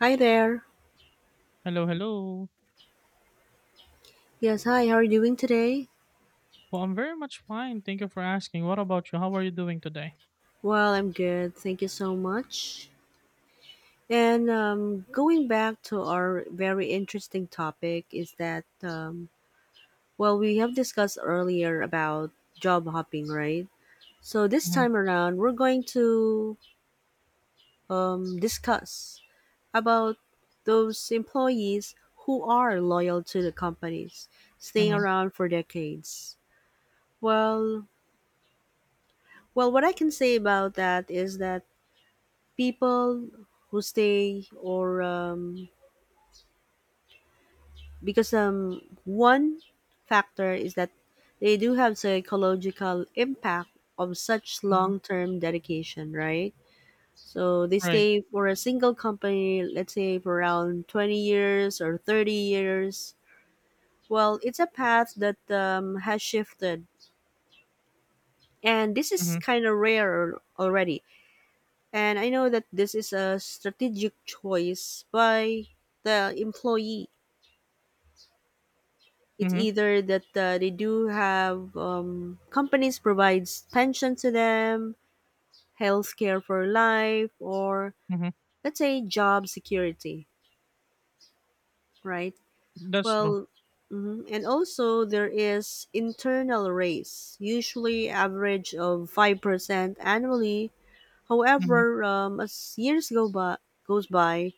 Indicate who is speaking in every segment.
Speaker 1: Hi there.
Speaker 2: Hello, hello.
Speaker 1: Yes, hi. How are you doing today?
Speaker 2: Well, I'm very much fine. Thank you for asking. What about you? How are you doing today?
Speaker 1: Well, I'm good. Thank you so much. And Going back to our very interesting topic is that well, we have discussed earlier about job hopping, right? So this
Speaker 2: Mm-hmm,
Speaker 1: time around, we're going to discuss about those employees who are loyal to the companies, staying
Speaker 2: mm-hmm,
Speaker 1: around for decades. Well, well, what I can say about that is that people who stay or because one factor is that they do have psychological impact of such
Speaker 2: hmm.
Speaker 1: long-term dedication, right? So they
Speaker 2: Right.
Speaker 1: stay for a single company, let's say for around 20 years or 30 years. It's a path that has shifted, and this is
Speaker 2: Mm-hmm,
Speaker 1: kind of rare already. And I know that this is a strategic choice by the employee. It's
Speaker 2: mm-hmm,
Speaker 1: either that they do have companies provides pension to them, health care for life, or
Speaker 2: mm-hmm.
Speaker 1: let's say job security, right?
Speaker 2: That's true.
Speaker 1: Well mhm. and also there is internal raise, usually average of 5% annually.
Speaker 2: Mm-hmm,
Speaker 1: However, as years go by,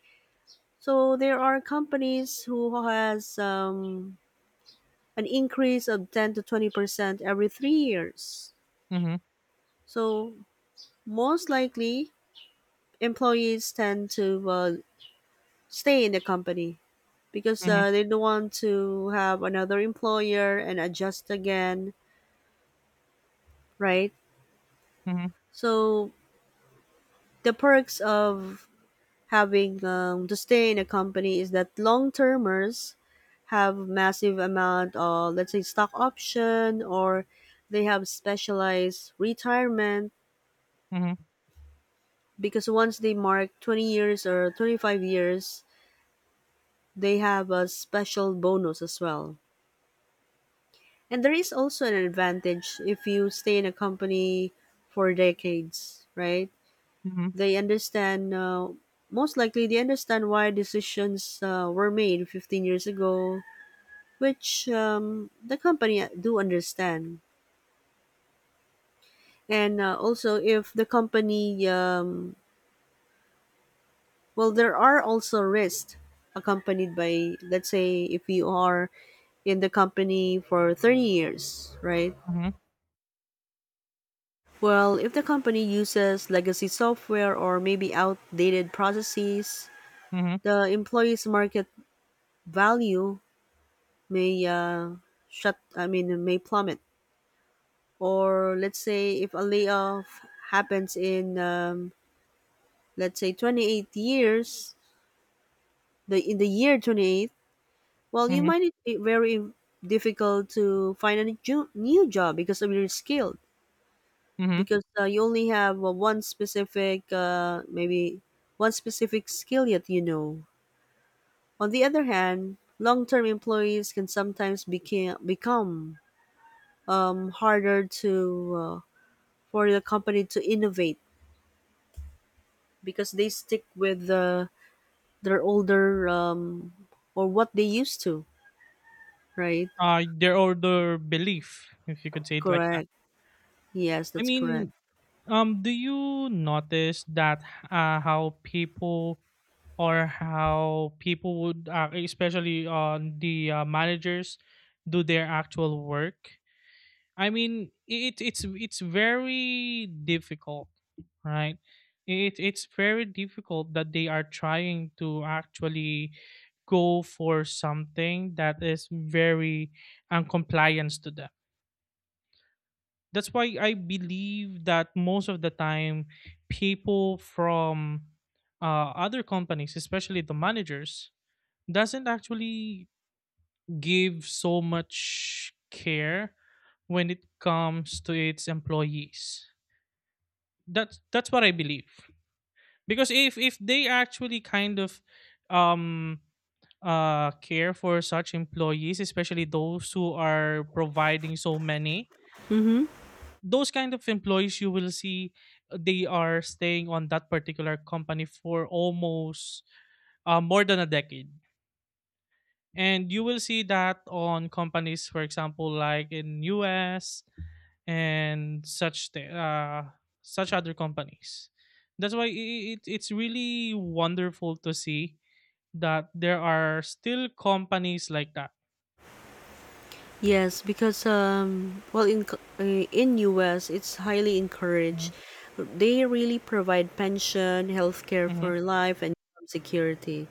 Speaker 1: so there are companies who has an increase of 10 to 20% every 3 years.
Speaker 2: mm-hmm,
Speaker 1: So most likely, employees tend to stay in the company because
Speaker 2: mm-hmm,
Speaker 1: they don't want to have another employer and adjust again, right?
Speaker 2: mm-hmm,
Speaker 1: So the perks of having to stay in a company is that long termers have massive amount of, let's say, stock option, or they have specialized retirement,
Speaker 2: mm-hmm,
Speaker 1: because once they mark 20 years or 25 years they have a special bonus as well. And there is also an advantage if you stay in a company for decades, right?
Speaker 2: mm-hmm,
Speaker 1: They understand, most likely, they understand why decisions were made 15 years ago, which the company do understand. And also, if the company, well, there are also risks accompanied by, let's say, if you are in the company for 30 years, right?
Speaker 2: mm-hmm.
Speaker 1: Well, if the company uses legacy software or maybe outdated processes,
Speaker 2: Mm-hmm.
Speaker 1: the employee's market value may may plummet. Or let's say if a layoff happens in, let's say, 28 years, the in the year 28, well, you
Speaker 2: Mhm,
Speaker 1: might be very difficult to find a new job because of your skill.
Speaker 2: mhm.
Speaker 1: Because you only have one specific, maybe one specific skill yet, on the other hand, long-term employees can sometimes become harder to, for the company to innovate, because they stick with their older, or what they used to, right?
Speaker 2: Their or their belief, if you could say it like that.
Speaker 1: Correct, yes,
Speaker 2: I
Speaker 1: that's correct.
Speaker 2: mean, do you notice that how people or how people would, especially on the managers, do their actual work? I mean, it's very difficult, right? It's very difficult that they are trying to actually go for something that is very uncompliance to them. That's why I believe that most of the time, people from other companies, especially the managers, doesn't actually give so much care when it comes to its employees. That's what I believe, because if they actually kind of um care for such employees, especially those who are providing so many
Speaker 1: Mm-hmm.
Speaker 2: those kind of employees, you will see they are staying on that particular company for almost more than a decade, and you will see that on companies, for example, like in US and such such other companies. That's why it's really wonderful to see that there are still companies like that.
Speaker 1: Yes, because in US, it's highly encouraged.
Speaker 2: Mhm,
Speaker 1: They really provide pension, healthcare
Speaker 2: mhm,
Speaker 1: for life, and job security.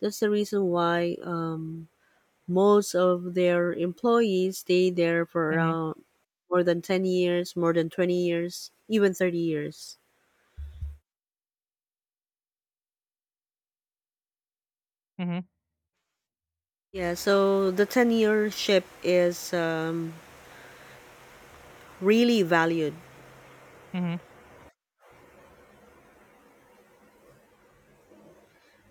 Speaker 1: That's the reason why most of their employees stay there for
Speaker 2: mhm,
Speaker 1: around more than 10 years, more than 20 years, even 30 years.
Speaker 2: mhm,
Speaker 1: Yeah, so the tenureship is really valued.
Speaker 2: mhm,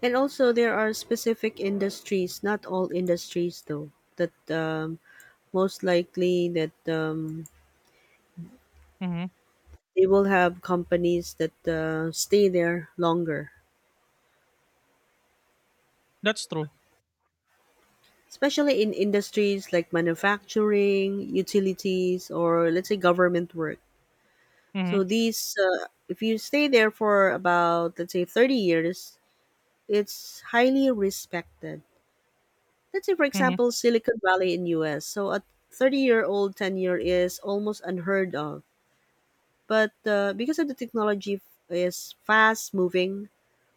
Speaker 1: And also, there are specific industries, not all industries though, that most likely that
Speaker 2: mhm.
Speaker 1: they will have companies that stay there longer.
Speaker 2: That's true.
Speaker 1: Especially in industries like manufacturing, utilities, or let's say government work. So
Speaker 2: Mhm,
Speaker 1: these, if you stay there for about, let's say, 30 years, it's highly respected. Let's say, for
Speaker 2: mhm,
Speaker 1: example, Silicon Valley in U.S. So a 30-year-old tenure is almost unheard of, but because of the is fast moving,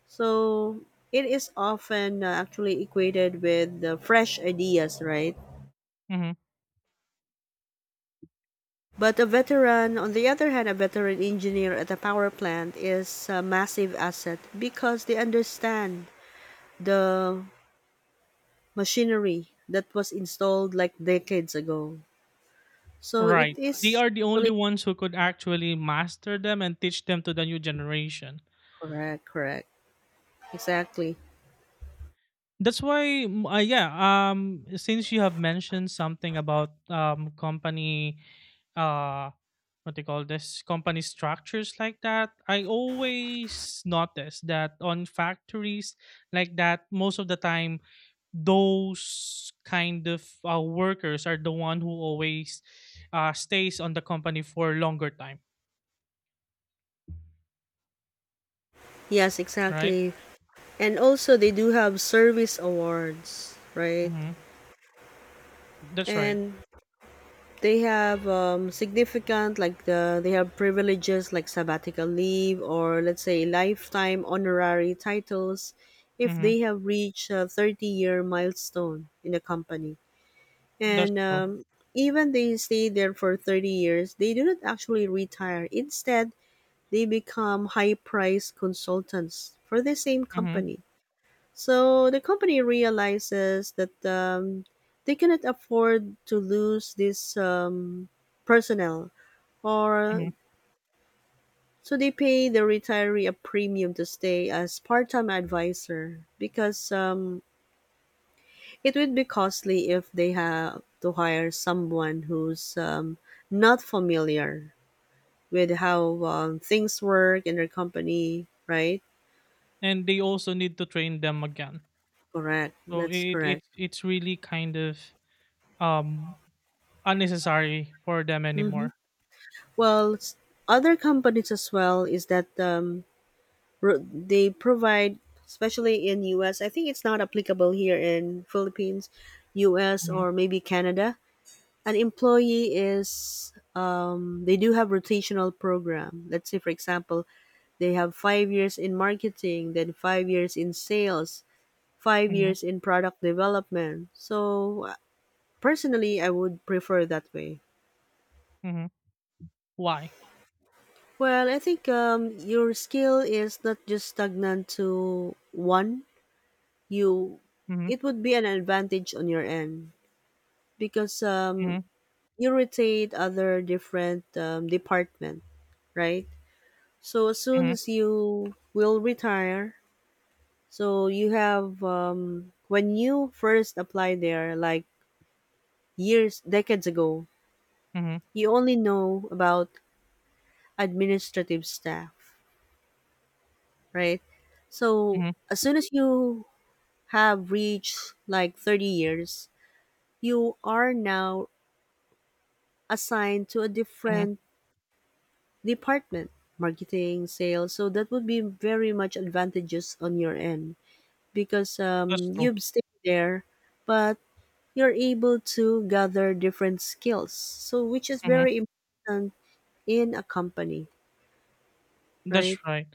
Speaker 1: so it is often actually equated with the fresh ideas, right?
Speaker 2: mhm.
Speaker 1: But a veteran, on the other hand, a veteran engineer at a power plant is a massive asset because they understand the machinery that was installed like decades ago. So it
Speaker 2: Right. They
Speaker 1: is
Speaker 2: are the
Speaker 1: actually
Speaker 2: only ones who could actually master them and teach them to the new generation.
Speaker 1: correct, exactly.
Speaker 2: That's why. Yeah. Since you have mentioned something about company, uh, what they call this company structures like that, I always notice that on factories like that, most of the time, those kind of workers are the one who always stays on the company for longer time,
Speaker 1: Yes,
Speaker 2: right?
Speaker 1: exactly. And also, they do have service awards, right?
Speaker 2: Mm-hmm. That's right.
Speaker 1: And they have significant like the they have privileges like sabbatical leave, or let's say lifetime honorary titles, if
Speaker 2: Mm-hmm.
Speaker 1: they have reached a 30-year milestone in the company.
Speaker 2: That's
Speaker 1: And
Speaker 2: true.
Speaker 1: Even they stay there for 30 years, they do not actually retire. Instead, they become high priced consultants for the same
Speaker 2: Mm-hmm.
Speaker 1: company. So the company realizes that they cannot afford to lose this personnel, or
Speaker 2: Mm-hmm.
Speaker 1: so they pay the retiree a premium to stay as part-time advisor, because it would be costly if they have to hire someone who's not familiar with how things work in their company, right?
Speaker 2: And they also need to train them again.
Speaker 1: Correct.
Speaker 2: So
Speaker 1: That's
Speaker 2: it
Speaker 1: correct.
Speaker 2: it's it's really kind of um unnecessary for them
Speaker 1: Mhm.
Speaker 2: anymore.
Speaker 1: Well, s- Other companies as well is that they provide, especially in US. I think it's not applicable here in Philippines, US, or
Speaker 2: Mhm,
Speaker 1: maybe Canada. An employee is, they do have rotational program. Let's say, for example, they have 5 years in marketing, then 5 years in sales, five
Speaker 2: mhm,
Speaker 1: years in product development. So personally, I would prefer that way.
Speaker 2: mhm. Why?
Speaker 1: Well, I think your skill is not just stagnant to one. You,
Speaker 2: Mhm,
Speaker 1: it would be an advantage on your end because
Speaker 2: mhm,
Speaker 1: you rotate other different department, right? So as soon
Speaker 2: mhm,
Speaker 1: as you will retire, so you have, when you first apply there, like years, decades ago,
Speaker 2: mhm,
Speaker 1: you only know about administrative staff, right? So
Speaker 2: mhm,
Speaker 1: as soon as you have reached like 30 years, you are now assigned to a
Speaker 2: mhm.
Speaker 1: different department, marketing, sales. So that would be very much advantageous on your end because
Speaker 2: That's true.
Speaker 1: you've stayed there, but you're able to gather different skills. So which is
Speaker 2: Mhm.
Speaker 1: very important in a company, right?
Speaker 2: That's right.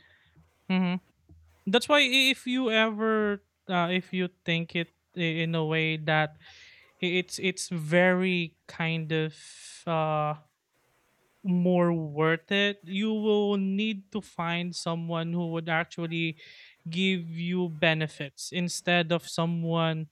Speaker 2: Mhm. That's why, if you ever, if you think it, in a way that it's very kind of uh more worth it, you will need to find someone who would actually give you benefits instead of someone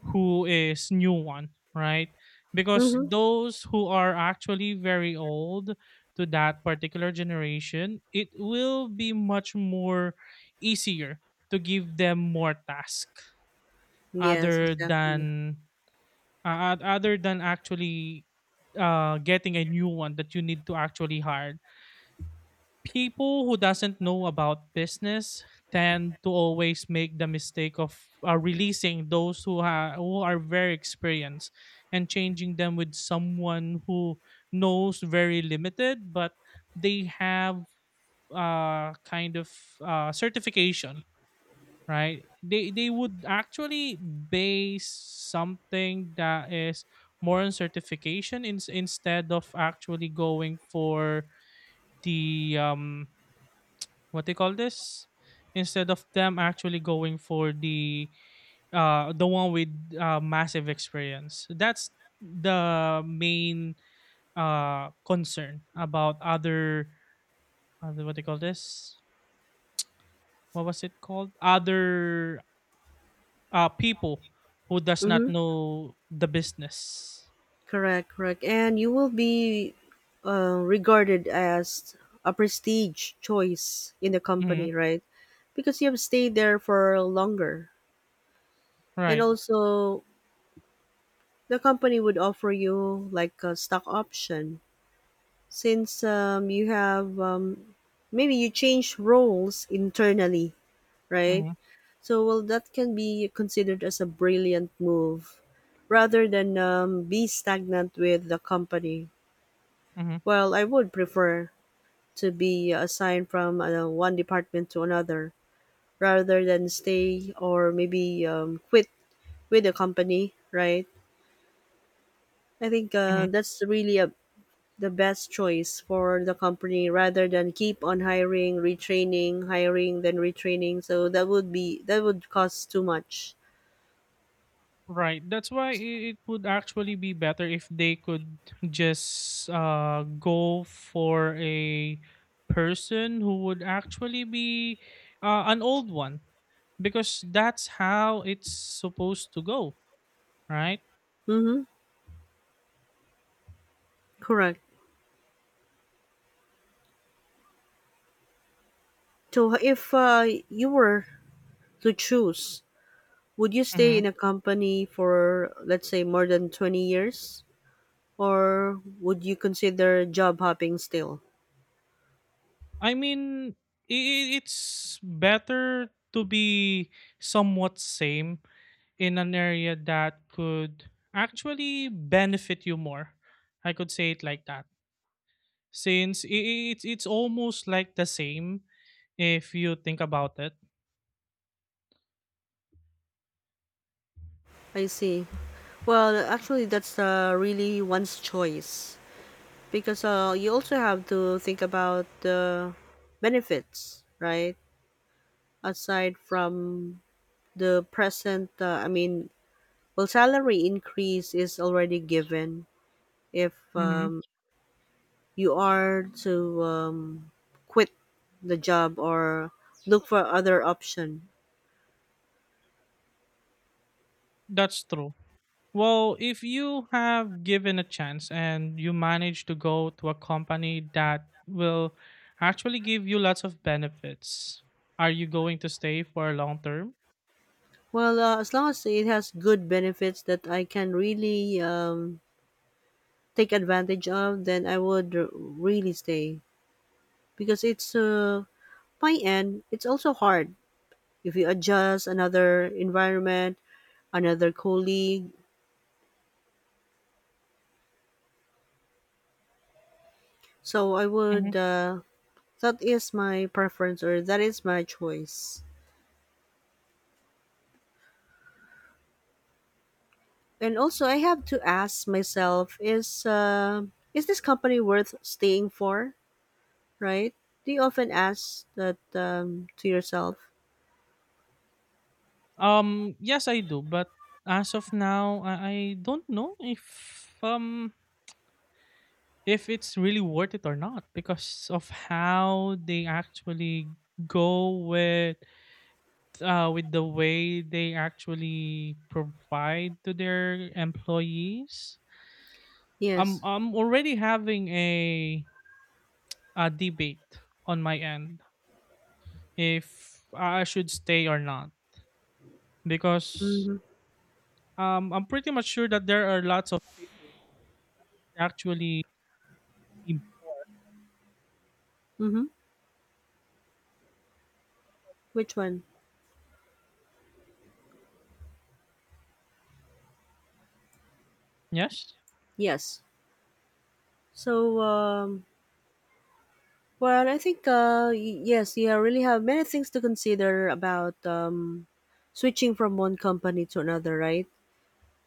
Speaker 2: who is new one, right? Because
Speaker 1: Mm-hmm.
Speaker 2: those who are actually very old to that particular generation, it will be much more easier to give them more task
Speaker 1: Yes,
Speaker 2: other
Speaker 1: exactly.
Speaker 2: than other than actually, getting a new one that you need to actually hire. People who doesn't know about business tend to always make the mistake of releasing those who are very experienced, and changing them with someone who knows very limited, but they have kind of certification, right? They would actually base something that is more on certification, instead of actually going for the what they call this, instead of them actually going for the one with massive experience. That's the main concern about other, what they call this, what was it called, other people who does not
Speaker 1: Mm-hmm.
Speaker 2: know the business.
Speaker 1: Correct. And you will be regarded as a prestige choice in the
Speaker 2: Hmm.
Speaker 1: company, right? Because you have stayed there for longer. And
Speaker 2: Right.
Speaker 1: also, the company would offer you like a stock option, since you have, maybe you change roles internally, right?
Speaker 2: Mm-hmm.
Speaker 1: So, well, that can be considered as a brilliant move rather than be stagnant with the company.
Speaker 2: Hmm,
Speaker 1: Well, I would prefer to be assigned from one department to another rather than stay, or maybe quit with the company, right? I think
Speaker 2: hmm.
Speaker 1: that's really a, the best choice for the company rather than keep on hiring, retraining, hiring, then retraining. So that would cost too much.
Speaker 2: Right. That's why, it would actually be better if they could just go for a person who would actually be an old one, because that's how it's supposed to go, right?
Speaker 1: Mm-hmm. Correct. So if you were to choose, would you stay
Speaker 2: Hmm.
Speaker 1: in a company for, let's say, more than 20 years? Or would you consider job hopping still?
Speaker 2: I mean, it's better to be somewhat same in an area that could actually benefit you more. I could say it like that. Since I it's almost like the same if you think about it.
Speaker 1: I see. Well, actually, that's really one's choice, because you also have to think about the benefits, right? Aside from the present, well, salary increase is already given if
Speaker 2: Mhm.
Speaker 1: you are to quit the job or look for other option.
Speaker 2: That's true. Well, if you have given a chance and you manage to go to a company that will actually give you lots of benefits, are you going to stay for a long term?
Speaker 1: Well, as long as it has good benefits that I can really take advantage of, then I would really stay because it's, my end. It's also hard if you adjust another environment, another colleague. So I would.
Speaker 2: Mhm.
Speaker 1: That is my preference, or that is my choice. And also, I have to ask myself: is this company worth staying for? Right? Do you often ask that to yourself?
Speaker 2: Yes, I do, but as of now, I don't know if it's really worth it or not, because of how they actually go with the way they actually provide to their employees. I'm
Speaker 1: Yes.
Speaker 2: I'm already having a debate on my end if I should stay or not, because
Speaker 1: Mm-hmm.
Speaker 2: I'm pretty much sure that there are lots of people actually. Mm.
Speaker 1: Mm-hmm. Which one?
Speaker 2: Yes.
Speaker 1: Yes. So, well, I think, yes, you really have many things to consider about switching from one company to another, right?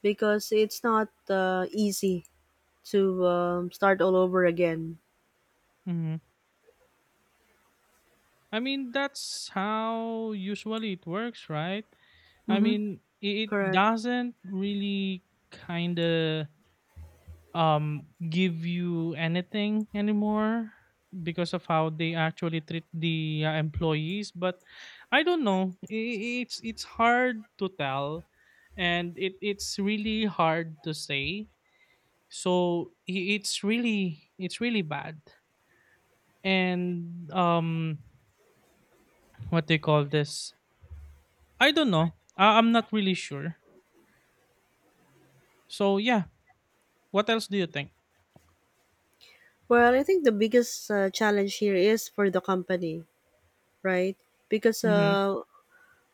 Speaker 1: Because it's not easy to start all over again.
Speaker 2: Hmm. I mean, that's how usually it works, right? I
Speaker 1: Mm-hmm.
Speaker 2: mean, it
Speaker 1: Correct.
Speaker 2: doesn't really kind of give you anything anymore, because of how they actually treat the employees, but I don't know. It's hard to tell, and it's really hard to say. So, it's really bad, and what they call this, I don't know. I'm not really sure. So, yeah, what else do you think?
Speaker 1: Well, I think the biggest challenge here is for the company, right? Because,
Speaker 2: Mm-hmm.
Speaker 1: uh,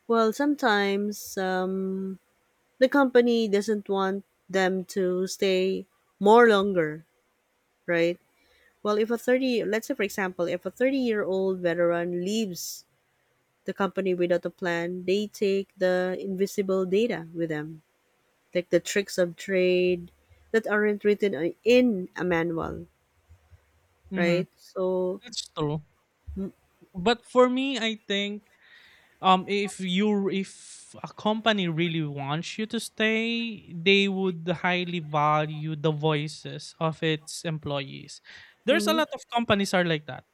Speaker 1: well, sometimes the company doesn't want them to stay more longer, right? Well, if a 30, Let's say for example, if a 30-year-old veteran leaves the company without a plan, they take the invisible data with them, like the tricks of trade that aren't written in a manual,
Speaker 2: Mm-hmm.
Speaker 1: right? So,
Speaker 2: That's true.
Speaker 1: mm,
Speaker 2: But for me, I think, if a company really wants you to stay, they would highly value the voices of its employees. There's a
Speaker 1: mm-hmm,
Speaker 2: lot of companies are like that,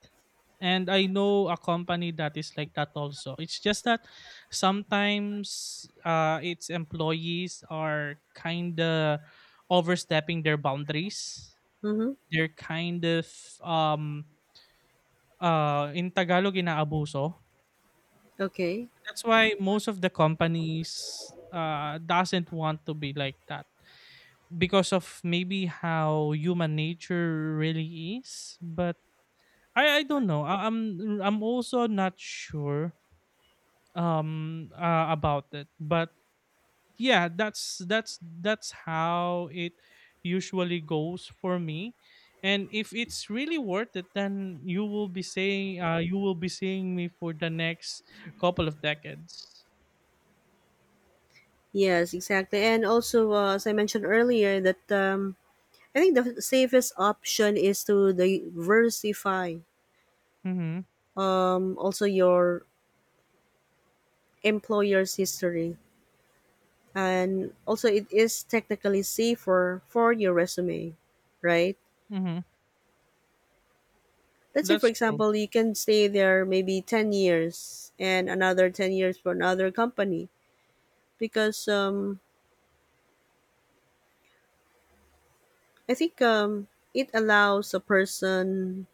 Speaker 2: and I know a company that is like that also. It's just that sometimes, its employees are kind of overstepping their boundaries.
Speaker 1: mm-hmm,
Speaker 2: They're kind of um in Tagalog, inaabuso.
Speaker 1: okay.
Speaker 2: That's why most of the companies doesn't want to be like that, because of maybe how human nature really is. But I don't know. I'm also not sure about it. But yeah, that's how it usually goes for me. And if it's really worth it, then you will be saying you will be seeing me for the next couple of decades.
Speaker 1: Yes, exactly. And also, as I mentioned earlier, that I think the safest option is to diversify
Speaker 2: Mm-hmm.
Speaker 1: also your employer's history, and also it is technically safer for your resume, right?
Speaker 2: Mm-hmm.
Speaker 1: Let's say for
Speaker 2: That's true.
Speaker 1: example you can stay there maybe 10 years and another 10 years for another company, because I think it allows a person,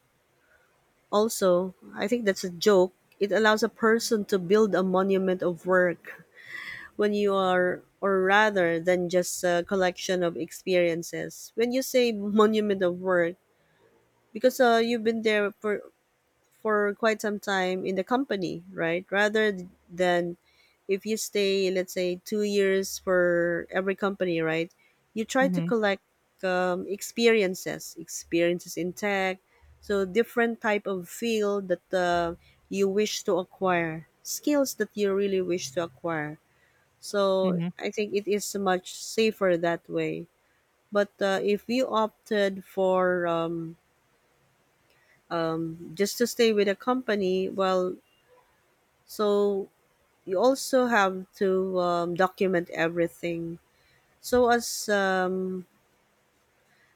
Speaker 1: also I think that's a joke, it allows a person to build a monument of work when you are, or rather than just a collection of experiences. When you say monument of work, because you've been there for quite some time in the company, right? Rather than if you stay, let's say, 2 years for every company, right? You try to
Speaker 2: Mhm,
Speaker 1: collect experiences in tech, so different type of field that you wish to acquire, skills that you really wish to acquire. So
Speaker 2: mhm,
Speaker 1: I think it is much safer that way. But if you opted for just to stay with a company, well, so you also have to document everything. So as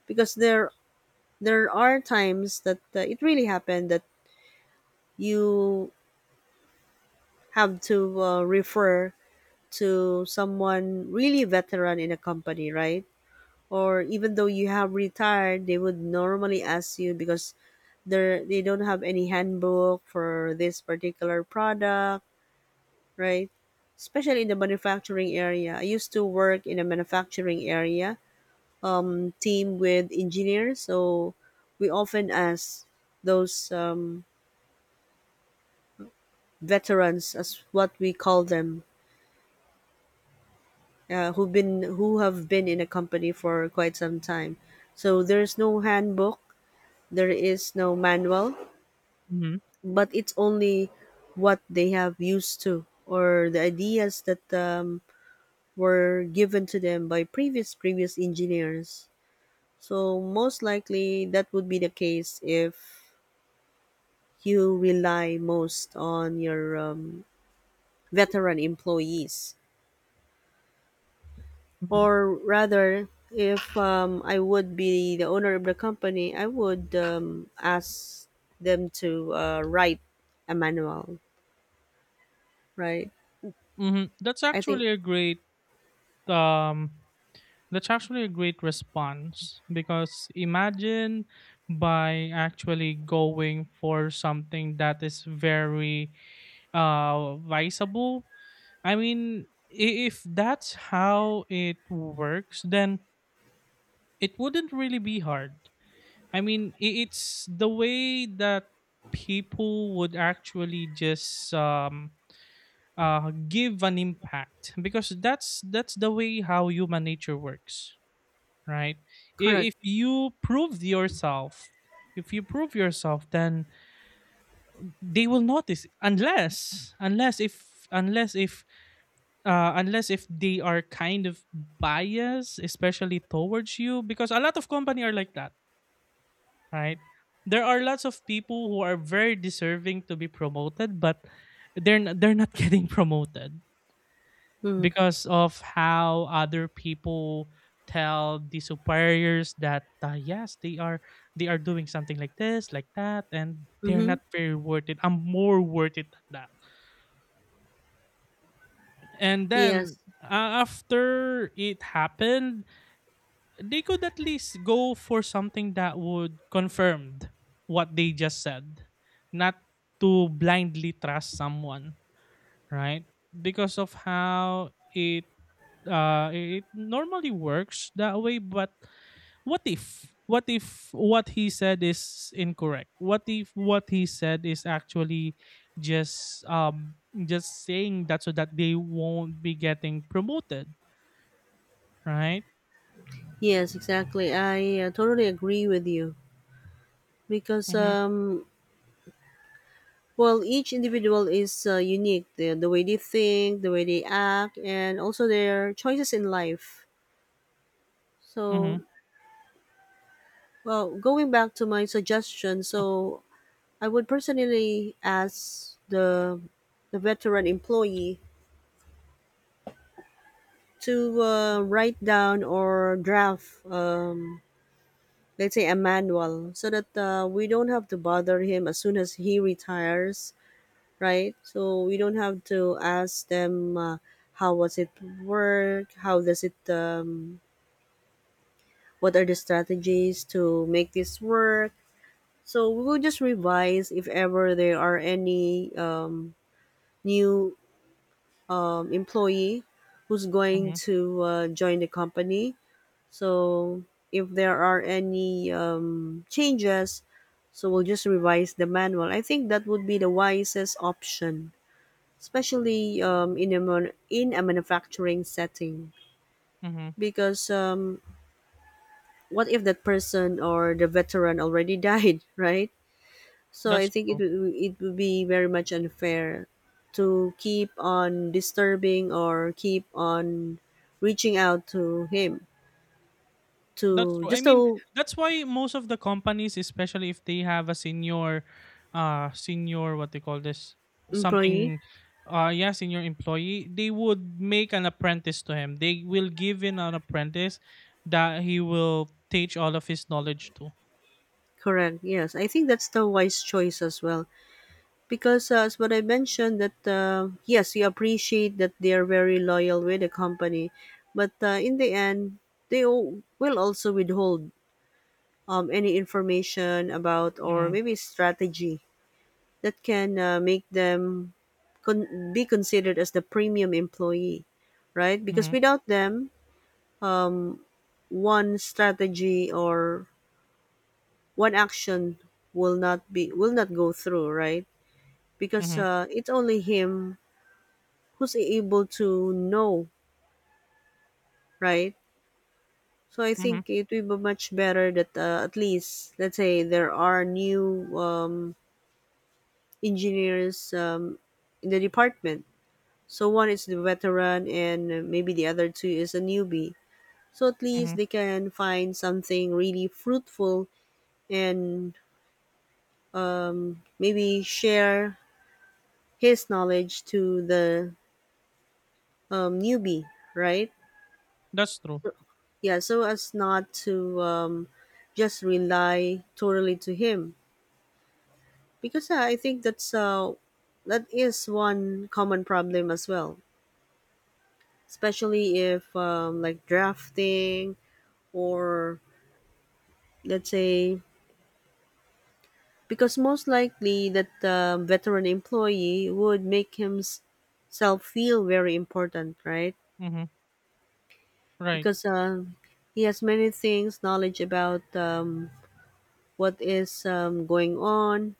Speaker 1: because there are times that it really happened that you have to refer to someone really veteran in a company, right? Or even though you have retired, they would normally ask you because they don't have any handbook for this particular product, right? Especially in the manufacturing area, I used to work in a manufacturing area, team with engineers. So we often ask those veterans, as what we call them, who have been in a company for quite some time. So there's no handbook, there is no manual,
Speaker 2: mhm,
Speaker 1: but it's only what they have used to, or the ideas that were given to them by previous engineers. So most likely that would be the case if you rely most on your veteran employees.
Speaker 2: mhm,
Speaker 1: Or rather, if I would be the owner of the company, I would ask them to write a manual, right?
Speaker 2: mhm. That's
Speaker 1: I think
Speaker 2: actually a great um response, because imagine, by actually going for something that is very visible. I mean, if that's how it works, then it wouldn't really be hard. I mean, it's the way that people would actually just give an impact, because that's the way how human nature works, right? I-
Speaker 1: correct.
Speaker 2: if you prove yourself if you prove yourself, then they will notice, unless if they are kind of biased, especially towards you, because a lot of company are like that, right? There are lots of people who are very deserving to be promoted, but they're not getting promoted,
Speaker 1: Mm-hmm.
Speaker 2: because of how other people tell the superiors that, yes, they are doing something like this, like that, and they're
Speaker 1: Mm-hmm.
Speaker 2: not very worth it, I'm more worth it than that. And then,
Speaker 1: Yes,
Speaker 2: after it happened, they could at least go for something that would confirm what they just said, not to blindly trust someone, right? Because of how it normally works that way, but what if what he said is incorrect, what if what he said is actually just um just saying that so that they won't be getting promoted, right?
Speaker 1: yes, exactly. I totally agree with you because,
Speaker 2: Mm-hmm,
Speaker 1: well, each individual is unique. The way they think, the way they act, and also their choices in life.
Speaker 2: mm-hmm,
Speaker 1: So, well, going back to my suggestion, so I would personally ask the veteran employee to write down or draft, let's say, a manual, so that we don't have to bother him as soon as he retires, right? So we don't have to ask them how was it work, how does it, what are the strategies to make this work. So we will just revise if ever there are any new employee who's going
Speaker 2: mm-hmm,
Speaker 1: to join the company. So if there are any changes, so we'll just revise the manual. I think that would be the wisest option, especially in a manufacturing setting,
Speaker 2: mm-hmm.
Speaker 1: because what if that person or the veteran already died, right? So I
Speaker 2: that's
Speaker 1: think
Speaker 2: true
Speaker 1: it would be very much unfair to keep on disturbing or keep on reaching out to him,
Speaker 2: That's
Speaker 1: to
Speaker 2: true. I
Speaker 1: just
Speaker 2: mean,
Speaker 1: a
Speaker 2: that's why most of the companies, especially if they have a senior, what they call this,
Speaker 1: employee.
Speaker 2: something, yeah, senior employee, they would make an apprentice to him. They will give in an apprentice that he will teach all of his knowledge to.
Speaker 1: Correct, yes, I think that's the wise choice as well. Because as what I mentioned, that yes, you appreciate that they are very loyal with the company, but in the end, will also withhold any information about, or
Speaker 2: Mm,
Speaker 1: maybe strategy that can make them be considered as the premium employee, right? Because
Speaker 2: mhm,
Speaker 1: without them, um, one strategy or one action will not go through, right? Because
Speaker 2: mhm,
Speaker 1: it's only him who's able to know, right? So I
Speaker 2: mhm,
Speaker 1: think it will be much better that at least, let's say there are new engineers in the department. So one is the veteran, and maybe the other two is a newbie. So at
Speaker 2: mhm.
Speaker 1: least they can find something really fruitful, and maybe share his knowledge to the newbie, right?
Speaker 2: That's true.
Speaker 1: Yeah, so as not to just rely totally to him, because I think that's that is one common problem as well, especially if like drafting or let's say, because most likely that veteran employee would make himself feel very important, right?
Speaker 2: Mhm. Right.
Speaker 1: Because he has many things knowledge about what is going on.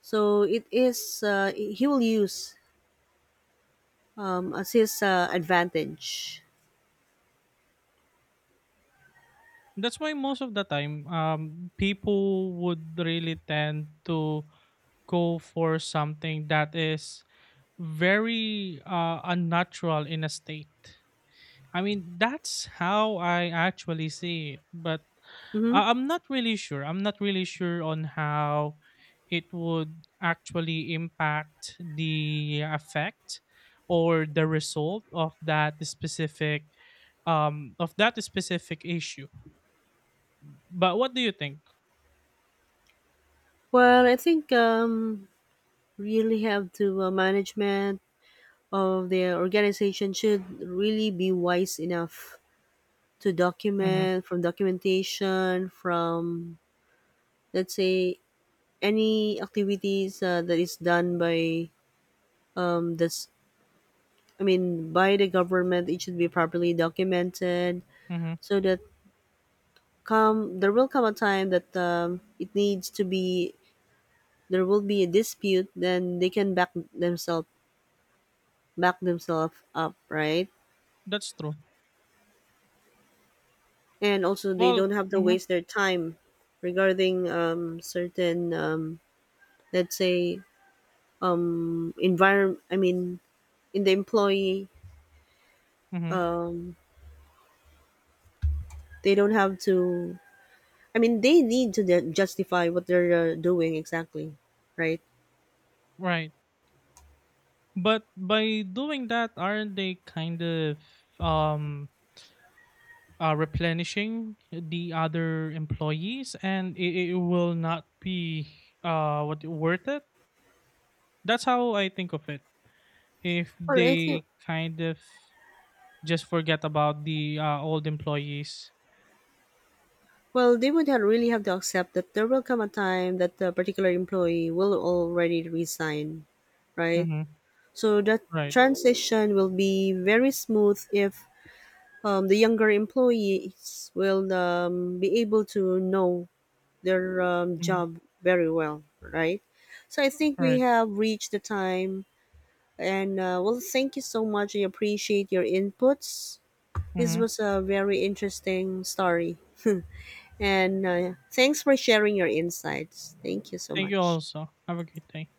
Speaker 1: So it is he will use as his advantage.
Speaker 2: That's why most of the time, people would really tend to go for something that is very unnatural in a state. I mean, that's how I actually see it, but
Speaker 1: Hmm.
Speaker 2: I'm not really sure. I'm not really sure on how it would actually impact the effect or the result of that specific issue, but what do you think?
Speaker 1: Well, I think really have to management of the organization should really be wise enough to
Speaker 2: Mm-hmm,
Speaker 1: documentation from, let's say, any activities that is done by this I mean by the government, it should be properly documented,
Speaker 2: mm-hmm.
Speaker 1: so that come there will come a time that it needs to be there will be a dispute, then they can back themselves up, right?
Speaker 2: That's true.
Speaker 1: And also they
Speaker 2: Well,
Speaker 1: don't have to
Speaker 2: mm-hmm,
Speaker 1: waste their time regarding certain let's say environment, I mean in the employee,
Speaker 2: mm-hmm.
Speaker 1: um, they don't have to, I mean they need to justify what they're doing exactly, right?
Speaker 2: Right. But by doing that, aren't they kind of um replenishing the other employees, and it will not be what worth it? That's how I think of it. If
Speaker 1: Well I think
Speaker 2: they kind of Just forget about the old employees.
Speaker 1: well, they would have really have to accept that there will come a time that the particular employee will already resign, right?
Speaker 2: Mhm.
Speaker 1: So that
Speaker 2: Right.
Speaker 1: transition will be very smooth if the younger employees will be able to know their
Speaker 2: Mhm.
Speaker 1: job very well, right? So I think we
Speaker 2: Right.
Speaker 1: have reached the time. And well, thank you so much. I appreciate your inputs. This
Speaker 2: Mhm.
Speaker 1: was a very interesting story. And thanks for sharing your insights. Thank you so
Speaker 2: Thank you
Speaker 1: much.
Speaker 2: also. Have a great day.